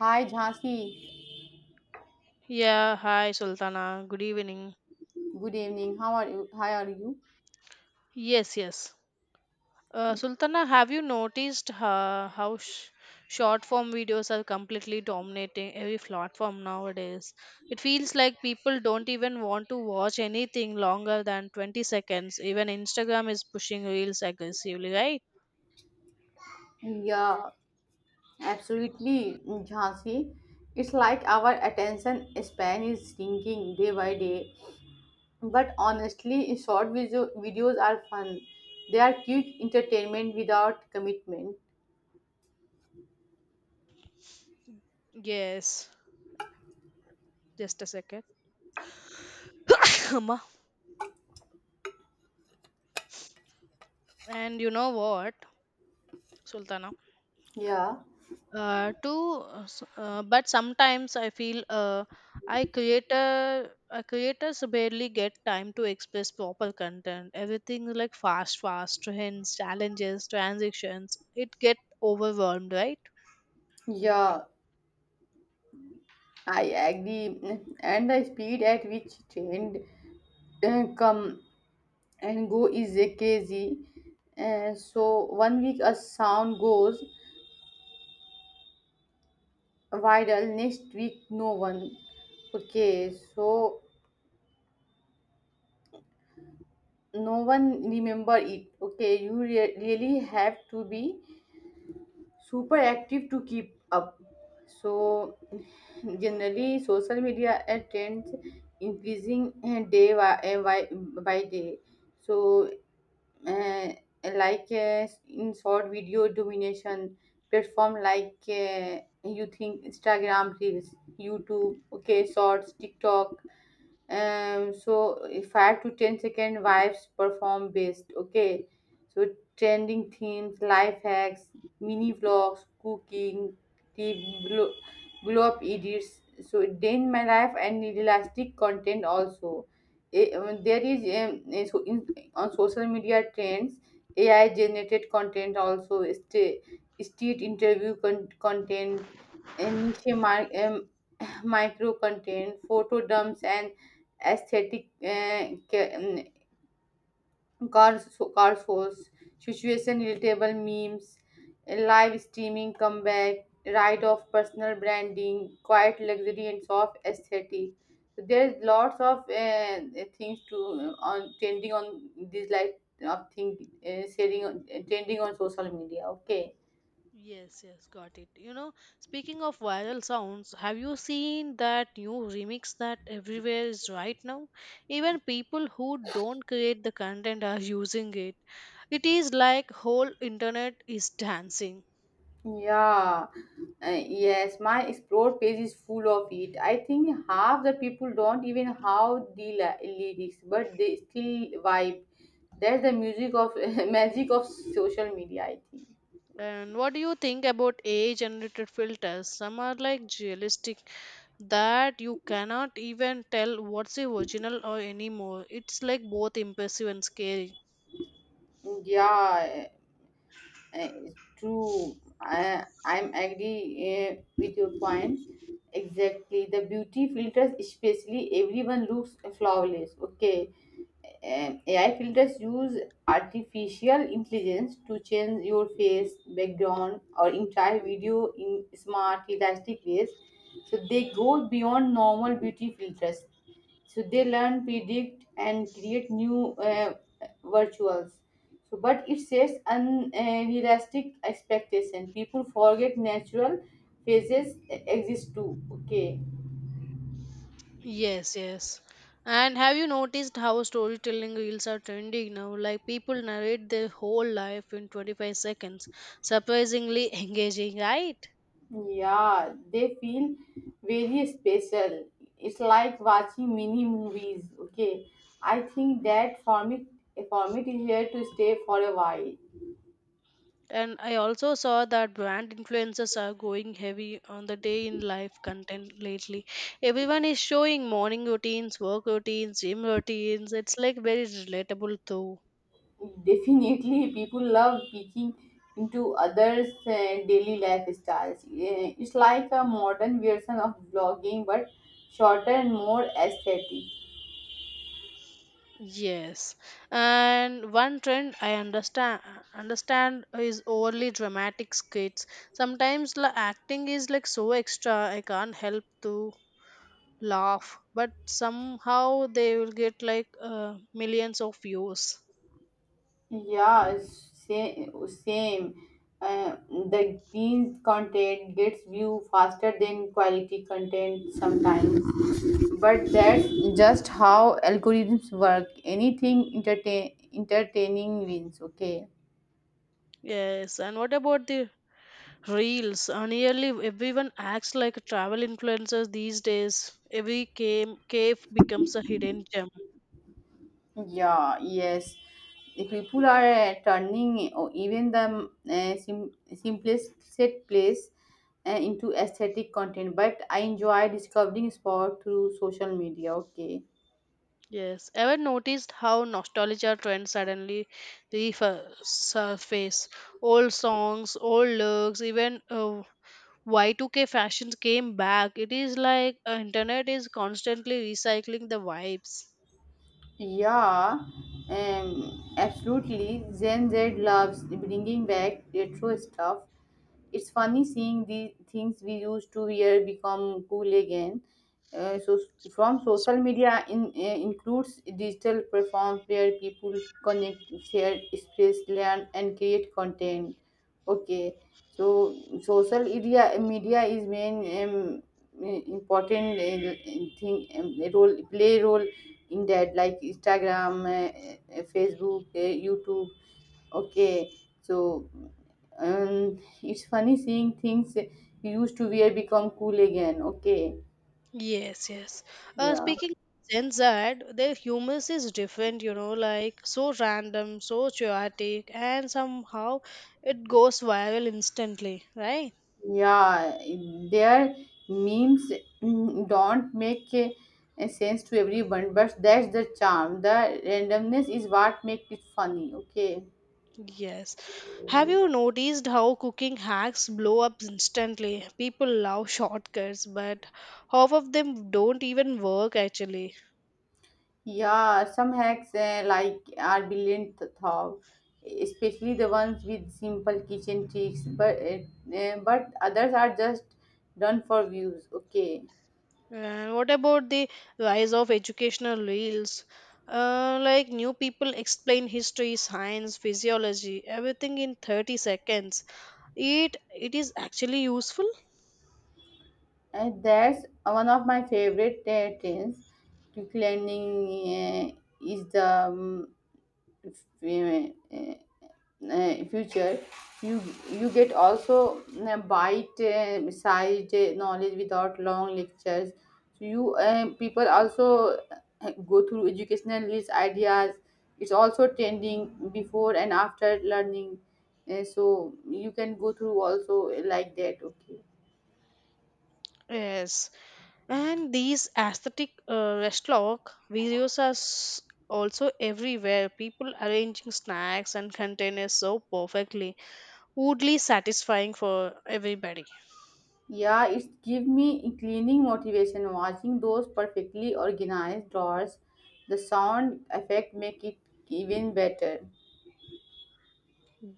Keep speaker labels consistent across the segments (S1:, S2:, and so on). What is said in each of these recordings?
S1: Hi Jhansi,
S2: Yeah, hi Sultana. Good evening.
S1: good evening. How are you? How are you?
S2: Yes, yes. Sultana, have you noticed short form videos are completely dominating every platform nowadays? It feels like people don't even want to watch anything longer than 20 seconds. Even Instagram is pushing reels aggressively, right?
S1: Yeah, absolutely, Jhansi. It's like our attention span is shrinking day by day. But honestly, short videos are fun. They are cute entertainment without commitment.
S2: Yes. Just a second. Amma. And you know what, Sultana?
S1: Yeah,
S2: But sometimes I feel I creators barely get time to express proper content. Everything is like fast fast trends, challenges, transactions. It get overwhelmed, right?
S1: yeah, I agree. And the speed at which trend come and go is crazy. So one week a sound goes viral, next week no one. Okay, so no one remember it. Okay, you really have to be super active to keep up. So generally social media trends increasing day by day. So uh, like in short video domination, platform like you think Instagram reels, YouTube, okay, shorts, TikTok. So if five to ten second vibes perform best. Okay, so trending themes, life hacks, mini vlogs, cooking, the blow up edits, so day in my life and elastic content also. There is so on social media trends, AI generated content also state interview content, and niche micro content, photo dumps, and aesthetic car shows, situation relatable memes, live streaming comeback, ride of personal branding, quiet luxury, and soft aesthetic. So there's lots of things to on trending on this like of thing, sharing trending on social media. Okay.
S2: Yes, yes, got it. Speaking of viral sounds, have you seen that new remix that everywhere is right now? Even people who don't create the content are using it. It is like whole internet is dancing.
S1: Yeah, yes, my explore page is full of it. I think half the people don't even how the lyrics, but they still vibe. That's the music of magic of social media, I think.
S2: And what do you think about AI generated filters? Some are like realistic that you cannot even tell what's the original or anymore. It's like both impressive and scary.
S1: Yeah, uh, true. I'm agree with your points. Exactly. The beauty filters, especially, everyone looks flawless. Okay. And AI filters use artificial intelligence to change your face, background, or entire video in smart, realistic ways. So they go beyond normal beauty filters. So they learn, predict, and create new virtuals. So, but it sets unrealistic expectation. People forget natural faces exist too. Okay.
S2: Yes, yes. And have you noticed how storytelling reels are trending now? Like people narrate their whole life in 25 seconds. Surprisingly engaging, right?
S1: Yeah, they feel very special. It's like watching mini movies. Okay, I think that format is here to stay for a while.
S2: And I also saw that brand influencers are going heavy on the day in life content lately. Everyone is showing morning routines, work routines, gym routines. It's like very relatable too.
S1: Definitely, people love peeking into others' daily lifestyles. It's like a modern version of blogging, but shorter and more aesthetic.
S2: Yes. And one trend I understand is overly dramatic skits. Sometimes the acting is like so extra I can't help to laugh, but somehow they will get like millions of views.
S1: Yeah, it's same. The green content gets view faster than quality content sometimes. But that's just how algorithms work. Anything entertaining wins, okay?
S2: Yes, and what about the Reels. Nearly everyone acts like a travel influencers these days. Every cave becomes a hidden gem.
S1: Yeah, yes. The people are turning or even the simplest set place into aesthetic content. But I enjoy discovering sport through social media, okay?
S2: Yes. Ever noticed how nostalgia trends suddenly resurface? Old songs, old looks, even Y2K fashions came back. It is like internet is constantly recycling the vibes.
S1: Yeah, absolutely. Gen Z loves bringing back retro stuff. It's funny seeing the things we used to wear become cool again. So from social media includes digital platforms where people connect, share, express, learn, and create content. Okay, so social media is main, um, important thing, role play role. Indeed, like Instagram, Facebook, YouTube. Okay, so it's funny seeing things you used to wear become cool again. Okay.
S2: Yes, yes.
S1: Yeah,
S2: Speaking of Gen Z, their humor is different, you know, like so random, so chaotic, and somehow it goes viral instantly, right?
S1: yeah. Their memes, don't make sense to everyone, but that's the charm. The randomness is what makes it funny. Okay.
S2: Yes. Have you noticed how cooking hacks blow up instantly? People love shortcuts, but half of them don't even work actually.
S1: Yeah, some hacks like are brilliant thought, especially the ones with simple kitchen tricks. But others are just done for views. Okay,
S2: And what about the rise of educational reels? Like new people explain history, science, physiology, everything in 30 seconds. It is actually useful.
S1: and that's one of my favorite trends. To cleaning uh, is the f- uh, future. You you get also bite side knowledge without long lectures. So you people also go through educational rich ideas. It's also trending before and after learning. So you can go through also like that. Okay.
S2: Yes, and these aesthetic restaurant videos are s- also everywhere. People arranging snacks and containers so perfectly, oddly satisfying for everybody.
S1: Yeah, it's give me cleaning motivation watching those perfectly organized drawers. The sound effect make it even better.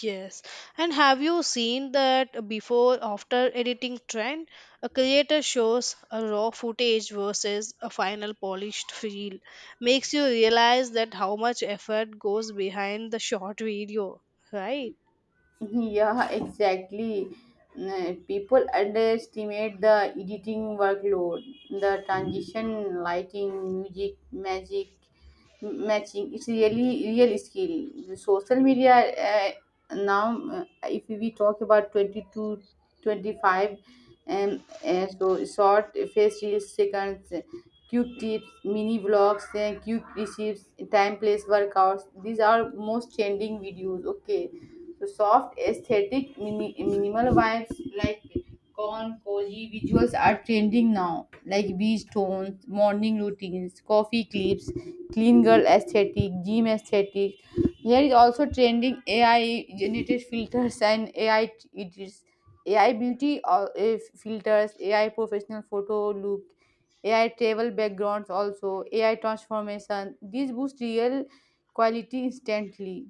S2: Yes. And have you seen that before after editing trend? A creator shows a raw footage versus a final polished reel. Makes you realize that how much effort goes behind the short video, right?
S1: Yeah, exactly. People underestimate the editing workload, the transition, lighting, music, magic, matching. It's really real skill. The social media, now, if we talk about 22, 25, and so short face reels, seconds, cute tips, mini vlogs, cute recipes, time place workouts. These are most trending videos. Okay. The soft, aesthetic, minimal vibes like corn, cozy visuals are trending now, like beach tones, morning routines, coffee clips, clean girl aesthetic, gym aesthetic. Here is also trending AI generated filters and AI it is AI beauty or filters, AI professional photo look, AI travel backgrounds also, AI transformation. These boost real quality instantly.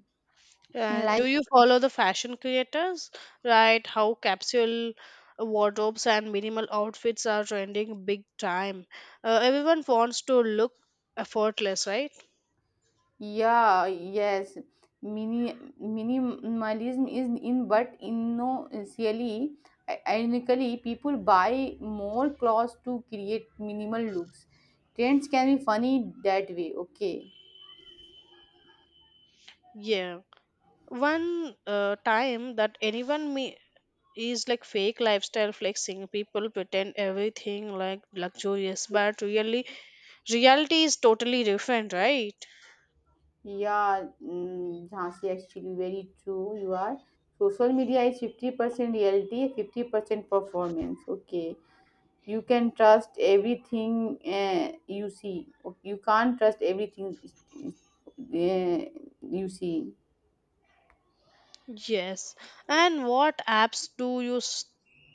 S1: In
S2: And
S1: life.
S2: do you follow the fashion creators? Right, how capsule wardrobes and minimal outfits are trending big time. Everyone wants to look effortless, right?
S1: Yeah, yes. Minimalism is in, but initially, ironically, people buy more clothes to create minimal looks. Trends can be funny that way, okay?
S2: Yeah. One time that anyone me is like fake lifestyle flexing. People pretend everything like luxurious, but really reality is totally different, right?
S1: Yeah, Jhansi, actually, very true. You are. Social media is 50% reality, 50% performance, okay? You can trust everything, you see. You can't trust everything, uh, you see.
S2: Yes. And what apps do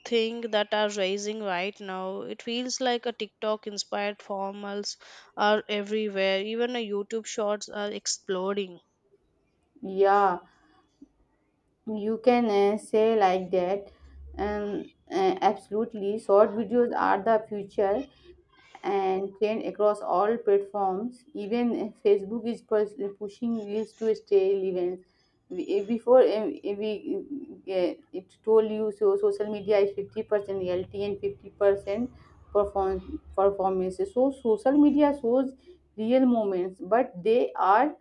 S2: think that are rising right now? It feels like a TikTok inspired formals are everywhere, even a YouTube shorts are exploding.
S1: Yeah, you can say like that. Absolutely, short videos are the future and trend across all platforms. Even Facebook is pushing reels to stale events. Before, we it told you, so social media is 50% reality and 50% performance. So social media shows real moments, but they are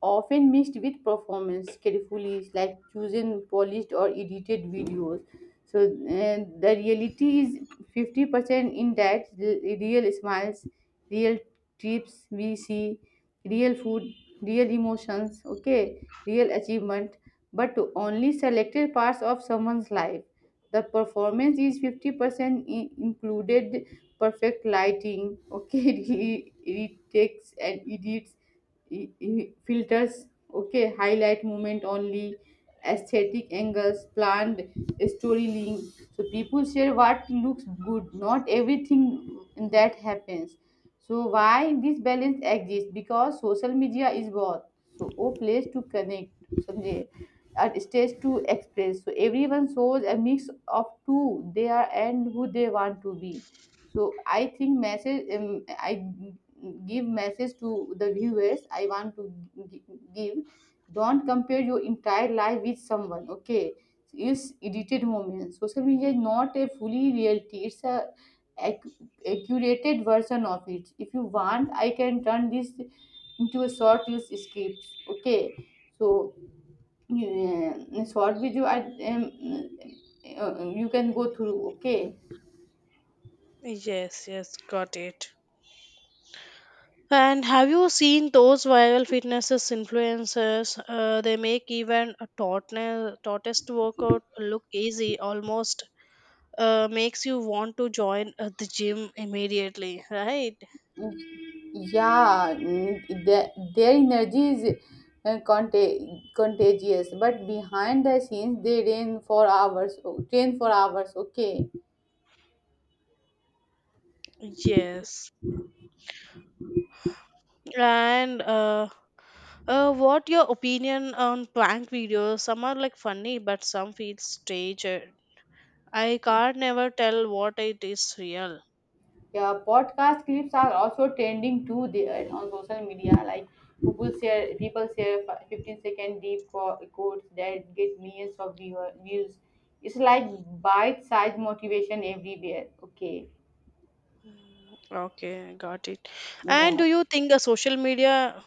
S1: often mixed with performance carefully, like choosing polished or edited videos. So the reality is 50% in that, real smiles, real trips we see, real food, real emotions, okay, real achievement, but to only selected parts of someone's life. The performance is 50% included, perfect lighting, okay, retakes and edits, filters, okay, highlight movement only, aesthetic angles, planned storytelling. So people share what looks good, not everything that happens. So why this balance exists? Because social media is both, so a place to connect, Sanjay, and stage to express. So everyone shows a mix of who they are and who they want to be. So I think message, I give message to the viewers. I want to gi- give. Don't compare your entire life with someone. Okay, is edited moments. Social media is not a fully reality. It's a curated version of it. If you want, I can turn this into a short use script. Okay, so short video. I um, you can go through. Okay.
S2: Yes, yes, got it. And have you seen those viral fitness influencers? They make even a tortoise workout look easy, almost makes you want to join the gym immediately, right?
S1: Yeah, their energy is. Contagious, but behind the scenes, they rain for hours train for hours. Okay.
S2: Yes. And what your opinion on prank videos? Some are like funny, but some feel staged. I can't never tell what it is real.
S1: Yeah, podcast clips are also trending too there on social media. Like people share 15-second deep quotes that get millions of views. It's like bite-sized motivation everywhere. Okay.
S2: Okay, got it. And do
S1: Yeah.
S2: you think a social media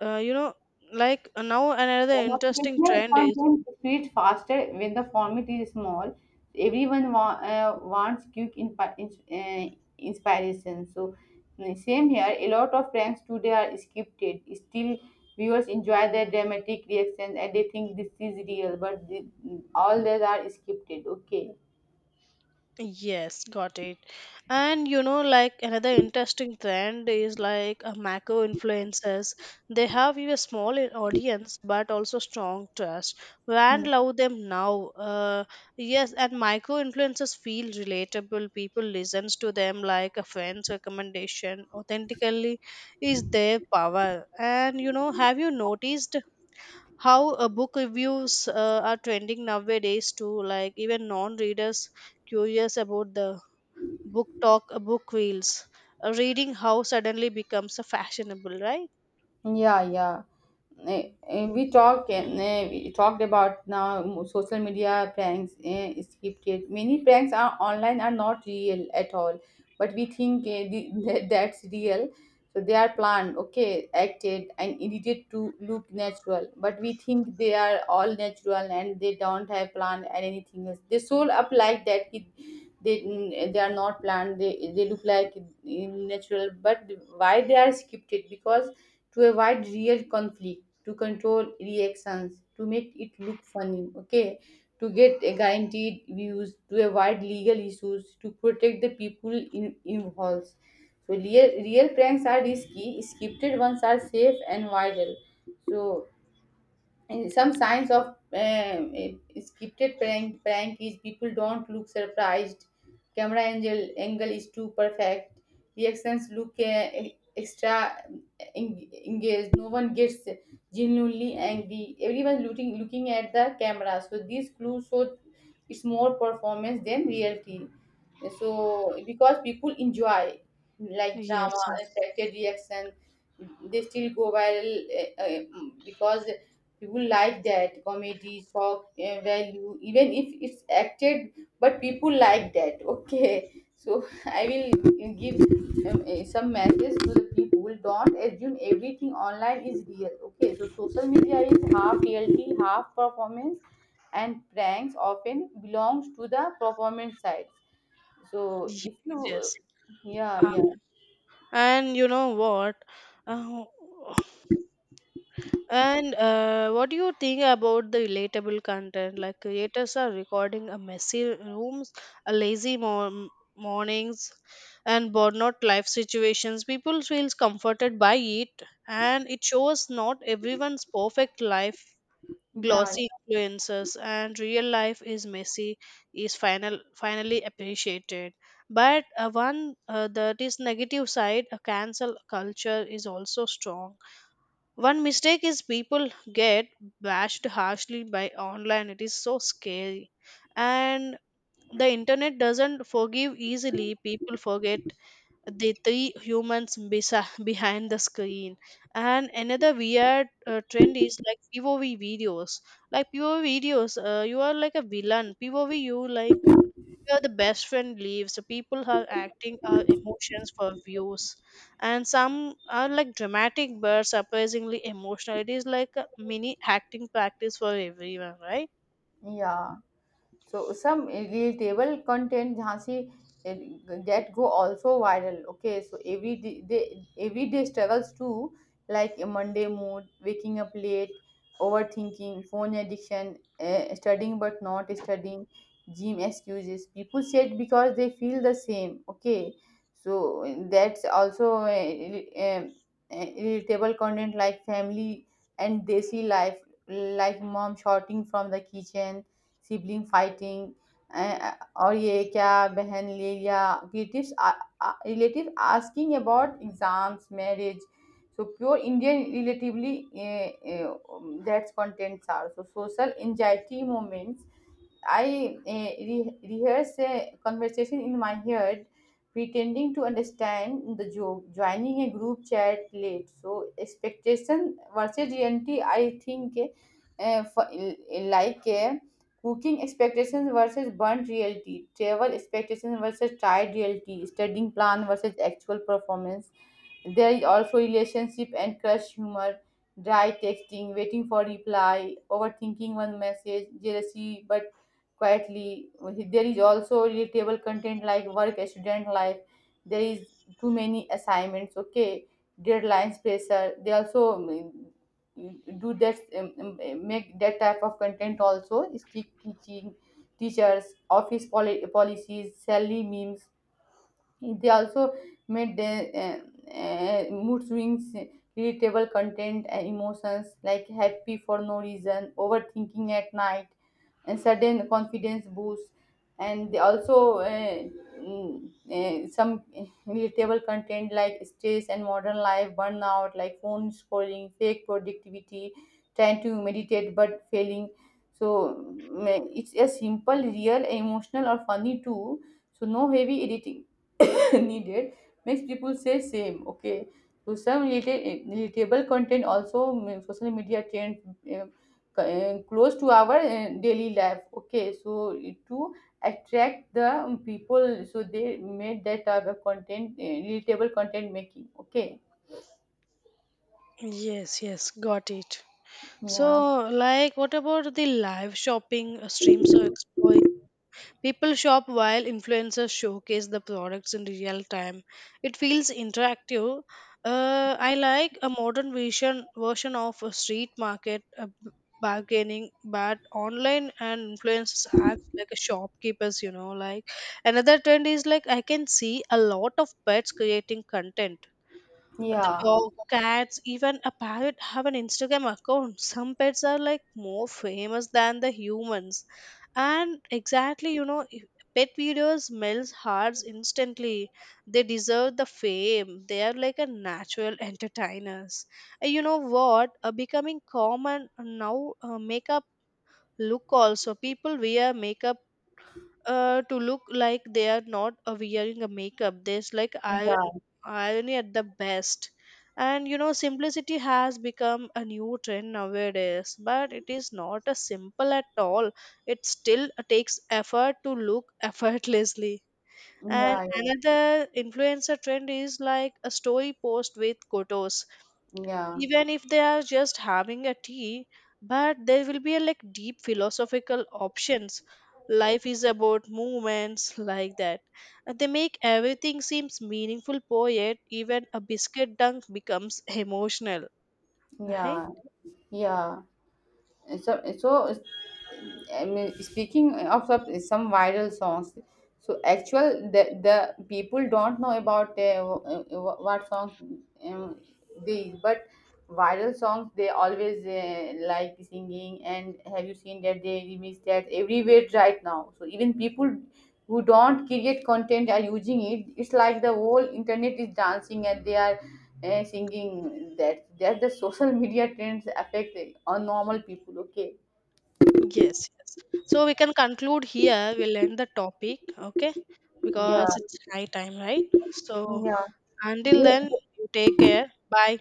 S2: uh, you know now another interesting
S1: Motivational
S2: trend is
S1: content spreads faster when the format is small. Everyone wants quick inspiration. So, same here. A lot of pranks today are scripted. Still, viewers enjoy their dramatic reactions and they think this is real, but all these are scripted. Okay.
S2: yes, got it. And you know, like another interesting trend is like macro influencers. They have you a small audience but also strong trust. Brand love them now, yes. And micro influencers feel relatable, people listens to them like a friend's recommendation. Authentically is their power. And you know, have you noticed how book reviews are trending nowadays to, like even non-readers curious about the book talk, book reels, a reading how suddenly becomes a fashionable, right?
S1: Yeah, yeah. We talked about now social media pranks, scripted. Many pranks are online are not real at all, but we think that's real. So they are planned, okay, acted and edited to look natural, but we think they are all natural and they don't have plan and anything else. They sold up like that. They are not planned. They look like natural, but why they are scripted? Because to avoid real conflict, to control reactions, to make it look funny, okay, to get a guaranteed views, to avoid legal issues, to protect the people involved. So real pranks are risky, scripted ones are safe and viral. So and some signs of scripted prank is people don't look surprised. Camera angle is too perfect. Reactions look extra engaged. No one gets genuinely angry. Everyone looking at the camera. So these clues show it's more performance than reality. So because people enjoy like drama,
S2: Yes, yes,
S1: unexpected reaction, they still go viral. uh, uh, because people like that comedy shock value, even if it's acted. But people like that. Okay, so I will give some message to the people. Don't assume everything online is real. Okay, so social media is half reality, half performance, and pranks often belongs to the performance side. So if you.
S2: yes.
S1: Yeah,
S2: Uh,
S1: yeah,
S2: and you know what uh, And what do you think about the relatable content? Like creators are recording a messy rooms, a mornings, and burnout life situations. People feels comforted by it, and it shows not everyone's perfect life.
S1: yeah,
S2: Glossy influences and real life is messy is finally appreciated. But one that is negative side, a cancel culture is also strong. One mistake is people get bashed harshly by online. It is so scary. And the internet doesn't forgive easily. People forget the three humans behind the screen. And another weird trend is like POV videos. Like POV videos, you are like a villain. POV, you like where the best friend leaves. So people are acting our emotions for views, and some are like dramatic but surprisingly emotional. It is like a mini acting practice for everyone, right?
S1: yeah. So some relatable content, Jhansi, eh, that go also viral. Okay, so every day, everyday struggles too, like a Monday mood, waking up late, overthinking, phone addiction, studying but not studying, gym excuses. People say because they feel the same. Okay, so that's also relatable content like family and desi life, like mom shouting from the kitchen, sibling fighting, और ये क्या बहन ले लिया, relatives, relative asking about exams marriage. So pure Indian relatively. uh, uh, that's contents are so social anxiety moments. I rehearse a conversation in my head, pretending to understand the joke, joining a group chat late. So, expectation versus reality, I think, like cooking expectations versus burnt reality, travel expectations versus tried reality, studying plan versus actual performance. There is also relationship and crush humor, dry texting, waiting for reply, overthinking one message, jealousy, but quietly. There is also relatable content like work, student life. There is too many assignments, okay, deadlines, pressure. They also make that type of content also, stick teaching, teachers, office policies, salary memes. They also made mood swings, irritable content, and emotions like happy for no reason, overthinking at night, and sudden confidence boost. And they also some irritable content like stress and modern life, burnout, like phone scrolling, fake productivity, trying to meditate but failing. So it's a simple, real, emotional, or funny too. So no heavy editing needed makes people say same. Okay. So some relatable content also, social media trend, close to our daily life. Okay, so to attract the people, so they made that type of content, relatable content making. Okay.
S2: Yes, yes, got it.
S1: Yeah,
S2: So, like, what about the live shopping streams or exploring? People shop while influencers showcase the products in real time. It feels interactive. I like a modern version of a street market bargaining, but online, and influencers act like a shopkeepers. You know, like another trend is like I can see a lot of pets creating content. The
S1: yeah,
S2: dog, cats, even a parrot have an Instagram account. Some pets are like more famous than the humans. And exactly, you know, pet videos melt hearts instantly. They deserve the fame. They are like a natural entertainers. And you know what? Becoming common now makeup look also. People wear makeup to look like they are not wearing a makeup. There's like
S1: yeah,
S2: irony at the best. And you know, simplicity has become a new trend nowadays, but it is not a simple at all. It still takes effort to look effortlessly. And
S1: yeah,
S2: another influencer trend is like a story post with photos,
S1: yeah,
S2: even if they are just having a tea, but there will be a like deep philosophical options. Life is about movements, like that. And they make everything seems meaningful poet. Even a biscuit dunk becomes emotional, right?
S1: yeah, yeah. So I mean, speaking of some viral songs. So actual the people don't know about what songs, um, these. But viral songs they always like singing, and have you seen that they remix that everywhere right now? So even people who don't create content are using it. It's like the whole internet is dancing, and they are singing that the social media trends affect on normal people. Okay.
S2: Yes, yes. So we can conclude here, we'll end the topic. Okay,
S1: Yeah.
S2: because it's high time, right? So,
S1: Yeah.
S2: until then,
S1: They
S2: you take care. Bye.